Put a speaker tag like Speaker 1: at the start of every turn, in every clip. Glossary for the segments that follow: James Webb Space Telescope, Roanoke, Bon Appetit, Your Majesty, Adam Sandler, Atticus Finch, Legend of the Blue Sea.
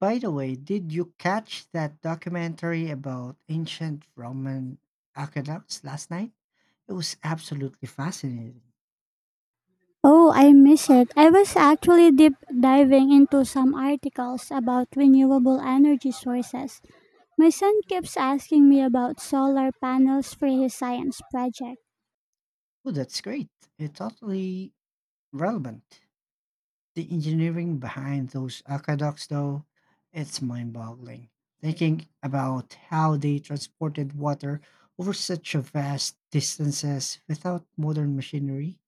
Speaker 1: By the way, did you catch that documentary about ancient Roman aqueducts last night? It was absolutely fascinating.
Speaker 2: Oh, I miss it. I was actually deep diving into some articles about renewable energy sources. My son keeps asking me about solar panels for his science project.
Speaker 1: Oh, that's great. It's totally relevant. The engineering behind those aqueducts, though, it's mind boggling. Thinking about how they transported water over such a vast distances without modern machinery.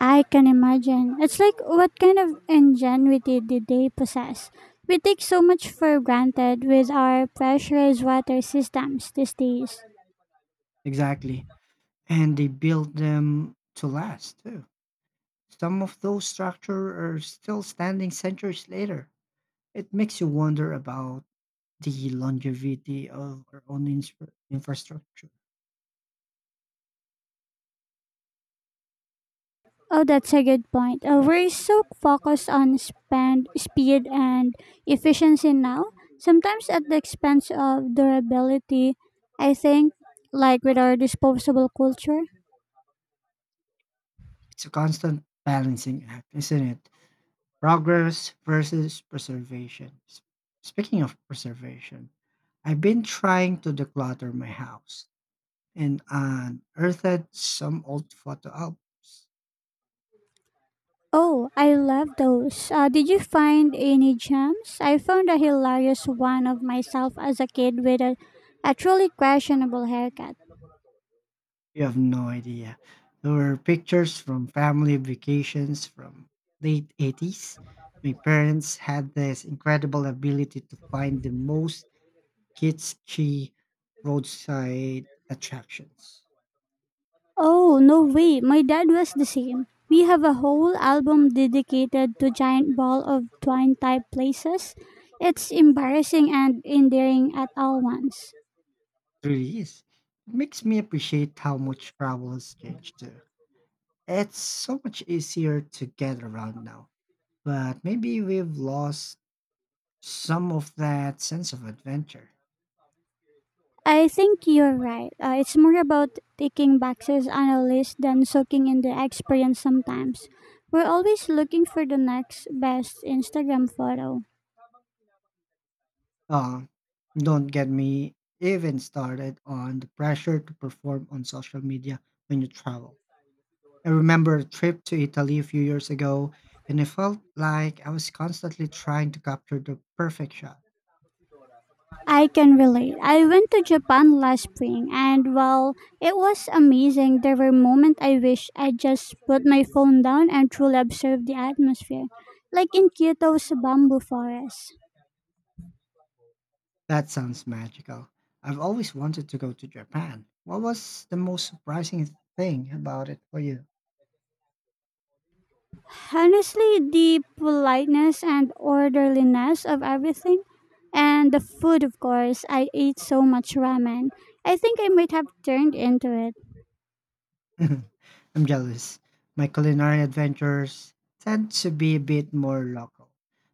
Speaker 2: I can imagine. It's like what kind of ingenuity did they possess? We take so much for granted with our pressurized water systems these days.
Speaker 1: Exactly. And they built them to last, too. Some of those structures are still standing centuries later. It makes you wonder about the longevity of our own infrastructure.
Speaker 2: Oh, that's a good point. We're so focused on spend, speed and efficiency now, sometimes at the expense of durability, I think, like with our disposable culture.
Speaker 1: It's a constant balancing act, isn't it? Progress versus preservation. Speaking of preservation, I've been trying to declutter my house and unearthed some old photo albums.
Speaker 2: Oh, I love those. Did you find any gems? I found a hilarious one of myself as a kid with a truly questionable haircut.
Speaker 1: You have no idea. There were pictures from family vacations from late 80s. My parents had this incredible ability to find the most kitschy roadside attractions.
Speaker 2: Oh, no way. My dad was the same. We have a whole album dedicated to giant ball of twine type places. It's embarrassing and endearing at all once.
Speaker 1: It really is. It makes me appreciate how much travel has changed too. It's so much easier to get around now. But maybe we've lost some of that sense of adventure.
Speaker 2: I think you're right. It's more about ticking boxes on a list than soaking in the experience sometimes. We're always looking for the next best Instagram photo.
Speaker 1: Uh, don't get me even started on the pressure to perform on social media when you travel. I remember a trip to Italy a few years ago, and it felt like I was constantly trying to capture the perfect shot.
Speaker 2: I can relate. I went to Japan last spring, and while it was amazing, there were moments I wish I just put my phone down and truly observed the atmosphere, like in Kyoto's bamboo forest.
Speaker 1: That sounds magical. I've always wanted to go to Japan. What was the most surprising thing about it for you?
Speaker 2: Honestly, the politeness and orderliness of everything, and the food, of course. I ate so much ramen. I think I might have turned into it.
Speaker 1: I'm jealous. My culinary adventures tend to be a bit more local.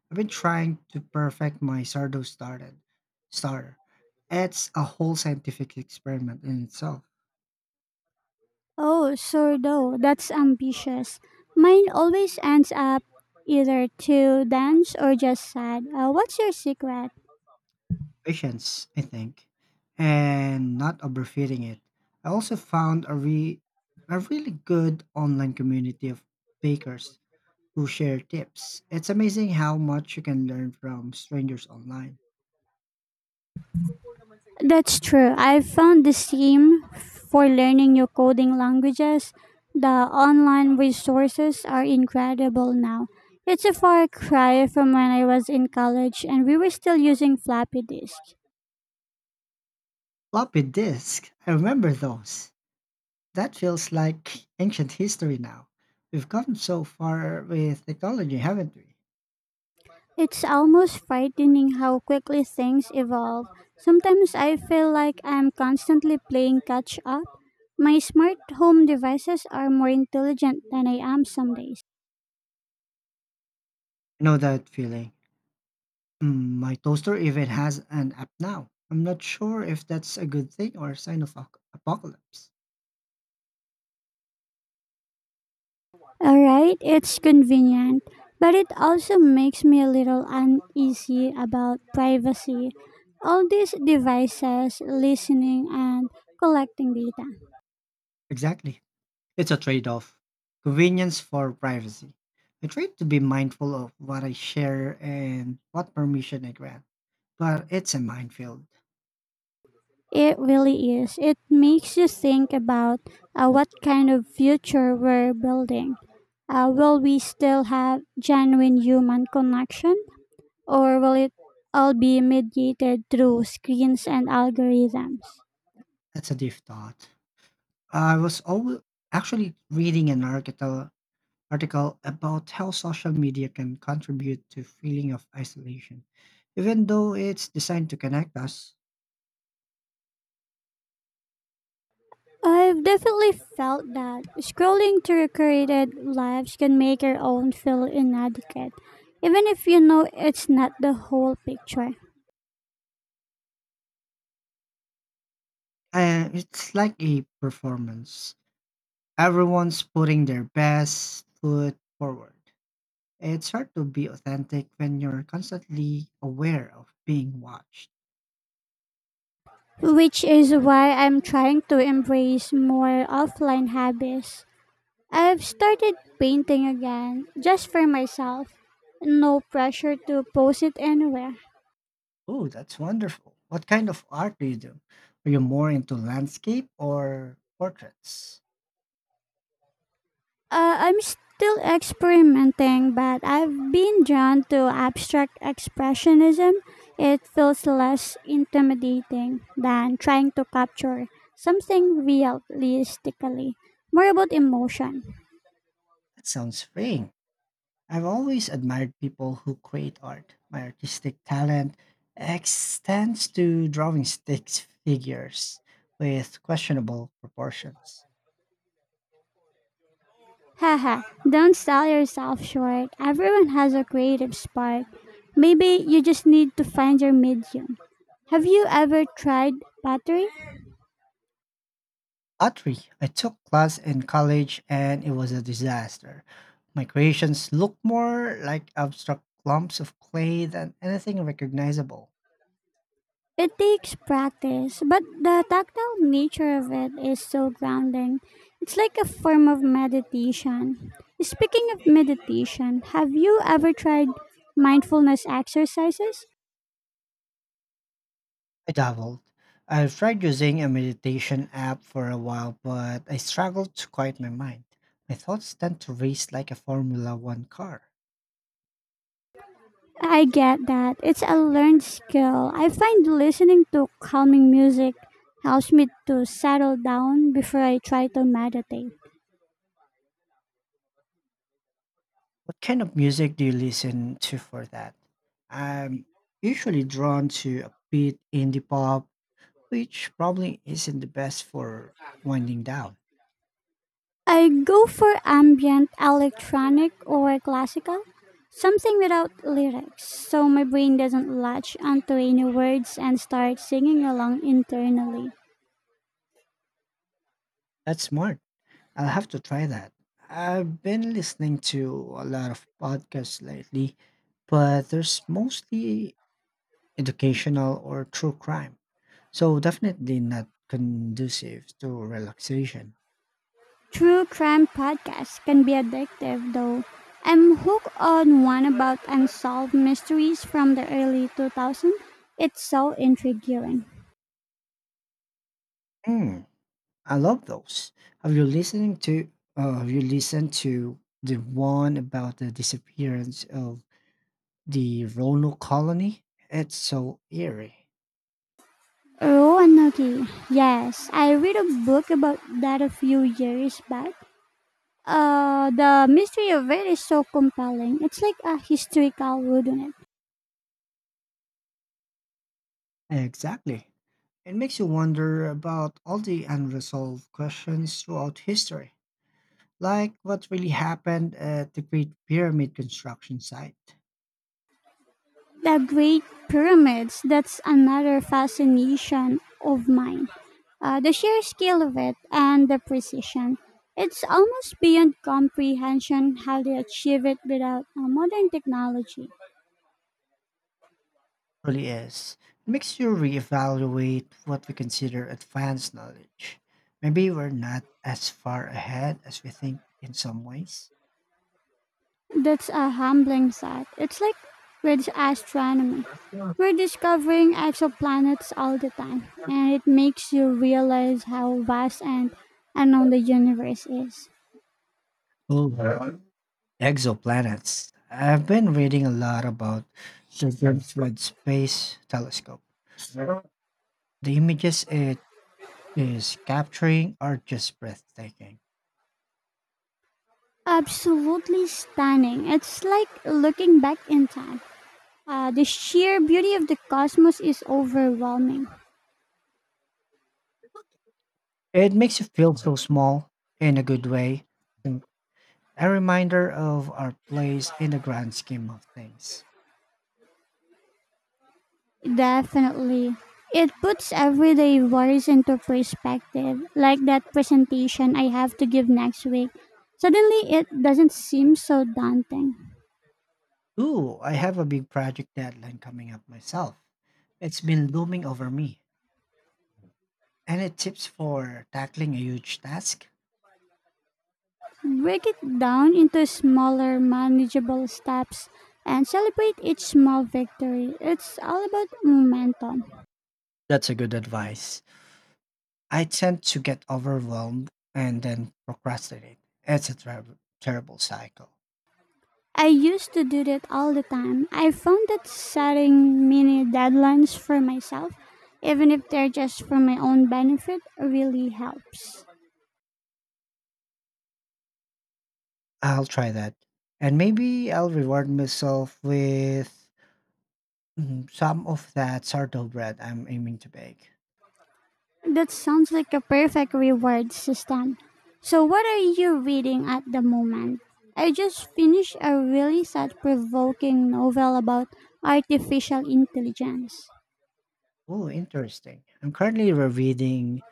Speaker 1: I've been trying to perfect my sardo started starter. It's a whole scientific experiment in itself.
Speaker 2: Oh, sourdough. That's ambitious. Mine always ends up either too dense or just sad. What's your secret?
Speaker 1: Patience, I think, and not overfeeding it. I also found a really good online community of bakers who share tips. It's amazing how much you can learn from strangers online.
Speaker 2: That's true. I found the same for learning new coding languages. The online resources are incredible now. It's a far cry from when I was in college and we were still using floppy disks.
Speaker 1: Floppy disk. I remember those. That feels like ancient history now. We've come so far with technology, haven't we?
Speaker 2: It's almost frightening how quickly things evolve. Sometimes I feel like I'm constantly playing catch up. My smart home devices are more intelligent than I am some days.
Speaker 1: I know that feeling. My toaster even has an app now. I'm not sure if that's a good thing or a sign of apocalypse.
Speaker 2: Alright, it's convenient, but it also makes me a little uneasy about privacy. All these devices listening and collecting data.
Speaker 1: Exactly. It's a trade off convenience for privacy. I try to be mindful of what I share and what permission I grant, but it's a minefield.
Speaker 2: It really is. It makes you think about, what kind of future we're building. Will we still have genuine human connection, or will it all be mediated through screens and algorithms?
Speaker 1: That's a deep thought. I was always actually reading an article about how social media can contribute to feeling of isolation even though it's designed to connect us.
Speaker 2: I've definitely felt that scrolling through curated lives can make your own feel inadequate, even if you know it's not the whole picture.
Speaker 1: It's like a performance. Everyone's putting their best foot forward. It's hard to be authentic when you're constantly aware of being watched.
Speaker 2: Which is why I'm trying to embrace more offline habits. I've started painting again, just for myself. No pressure to post it anywhere.
Speaker 1: Oh, that's wonderful. What kind of art do you do? Are you more into landscape or portraits?
Speaker 2: I'm still experimenting, but I've been drawn to abstract expressionism. It feels less intimidating than trying to capture something realistically, more about emotion.
Speaker 1: That sounds freeing. I've always admired people who create art. My artistic talent extends to drawing stick figures with questionable proportions.
Speaker 2: Haha, don't sell yourself short. Everyone has a creative spark. Maybe you just need to find your medium. Have you ever tried pottery?
Speaker 1: Pottery, I took class in college and it was a disaster. My creations look more like abstract clumps of clay than anything recognizable.
Speaker 2: It takes practice, but the tactile nature of it is so grounding. It's like a form of meditation. Speaking of meditation, have you ever tried mindfulness exercises?
Speaker 1: I dabbled. I've tried using a meditation app for a while, but I struggle to quiet my mind. My thoughts tend to race like a Formula One car.
Speaker 2: I get that. It's a learned skill. I find listening to calming music helps me to settle down before I try to meditate.
Speaker 1: What kind of music do you listen to for that? I'm usually drawn to a bit indie pop, which probably isn't the best for winding down.
Speaker 2: I go for ambient, electronic, or classical, something without lyrics, so my brain doesn't latch onto any words and start singing along internally.
Speaker 1: That's smart. I'll have to try that. I've been listening to a lot of podcasts lately, but there's mostly educational or true crime. So definitely not conducive to relaxation.
Speaker 2: True crime podcasts can be addictive, though. I'm hooked on one about unsolved mysteries from the early 2000s. It's so intriguing.
Speaker 1: Hmm. I love those. Have you listening to have you listened to the one about the disappearance of the Roanoke colony? It's so eerie.
Speaker 2: Roanoke. Yes, I read a book about that a few years back. The mystery of it is so compelling. It's like a historical wooden.
Speaker 1: Exactly. It makes you wonder about all the unresolved questions throughout history. Like what really happened at the Great Pyramid construction site.
Speaker 2: The Great Pyramids, that's another fascination of mine. The sheer scale of it and the precision. It's almost beyond comprehension how they achieve it without modern technology.
Speaker 1: Really is. It makes you reevaluate what we consider advanced knowledge. Maybe we're not as far ahead as we think in some ways.
Speaker 2: That's a humbling thought. It's like with astronomy.
Speaker 1: That's not-
Speaker 2: We're discovering exoplanets all the time, and it makes you realize how vast and unknown the universe is.
Speaker 1: Oh, right. Exoplanets. I've been reading a lot about the James Webb Space Telescope. The images it is capturing are just breathtaking.
Speaker 2: Absolutely stunning. It's like looking back in time. The sheer beauty of the cosmos is overwhelming.
Speaker 1: It makes you feel so small, in a good way, and a reminder of our place in the grand scheme of things.
Speaker 2: Definitely. It puts everyday worries into perspective, like that presentation I have to give next week. Suddenly, it doesn't seem so daunting.
Speaker 1: Ooh, I have a big project deadline coming up myself. It's been looming over me. Any tips for tackling a huge task?
Speaker 2: Break it down into smaller, manageable steps and celebrate each small victory. It's all about momentum.
Speaker 1: That's a good advice. I tend to get overwhelmed and then procrastinate. It's a terrible cycle.
Speaker 2: I used to do that all the time. I found that setting mini deadlines for myself, even if they're just for my own benefit, really helps.
Speaker 1: I'll try that. And maybe I'll reward myself with some of that sourdough bread I'm aiming to bake.
Speaker 2: That sounds like a perfect reward system. So, what are you reading at the moment? I just finished a really thought provoking novel about artificial intelligence.
Speaker 1: Oh, interesting. I'm currently rereading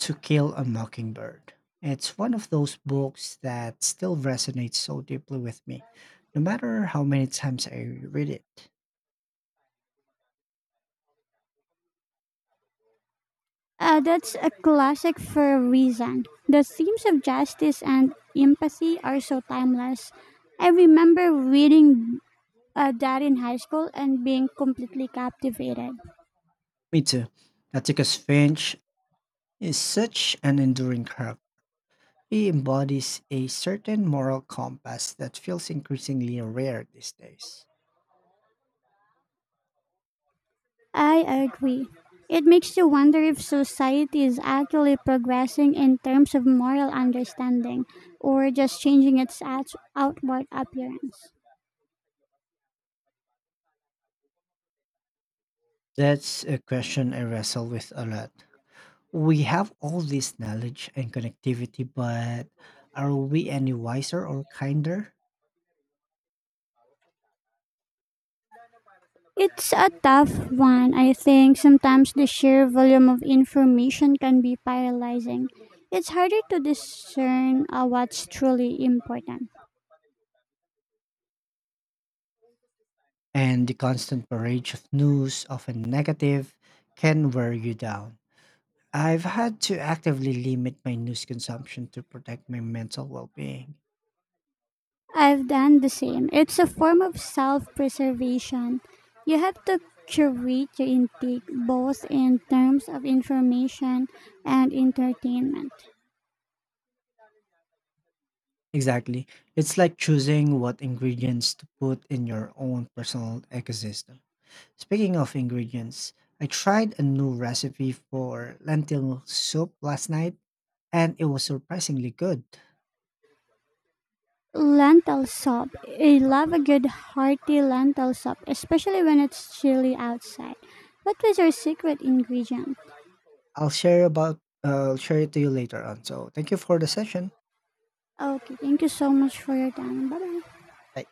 Speaker 1: To Kill a Mockingbird. It's one of those books that still resonates so deeply with me, no matter how many times I read it.
Speaker 2: That's a classic for a reason. The themes of justice and empathy are so timeless. I remember reading, that in high school and being completely captivated.
Speaker 1: Me too. Atticus Finch is such an enduring character. He embodies a certain moral compass that feels increasingly rare these days.
Speaker 2: I agree. It makes you wonder if society is actually progressing in terms of moral understanding or just changing its outward appearance.
Speaker 1: That's a question I wrestle with a lot. We have all this knowledge and connectivity, but are we any wiser or kinder?
Speaker 2: It's a tough one. I think sometimes the sheer volume of information can be paralyzing. It's harder to discern, what's truly important.
Speaker 1: And the constant barrage of news, often negative, can wear you down. I've had to actively limit my news consumption to protect my mental well being.
Speaker 2: I've done the same. It's a form of self preservation. You have to curate your intake, both in terms of information and entertainment.
Speaker 1: Exactly. It's like choosing what ingredients to put in your own personal ecosystem. Speaking of ingredients, I tried a new recipe for lentil soup last night and it was surprisingly good.
Speaker 2: Lentil soup. I love a good hearty lentil soup, especially when it's chilly outside. What was your secret ingredient?
Speaker 1: I'll share about, I'll share it to you later on. So, thank you for the session.
Speaker 2: Okay, thank you so much for your time. Bye bye.
Speaker 1: Bye.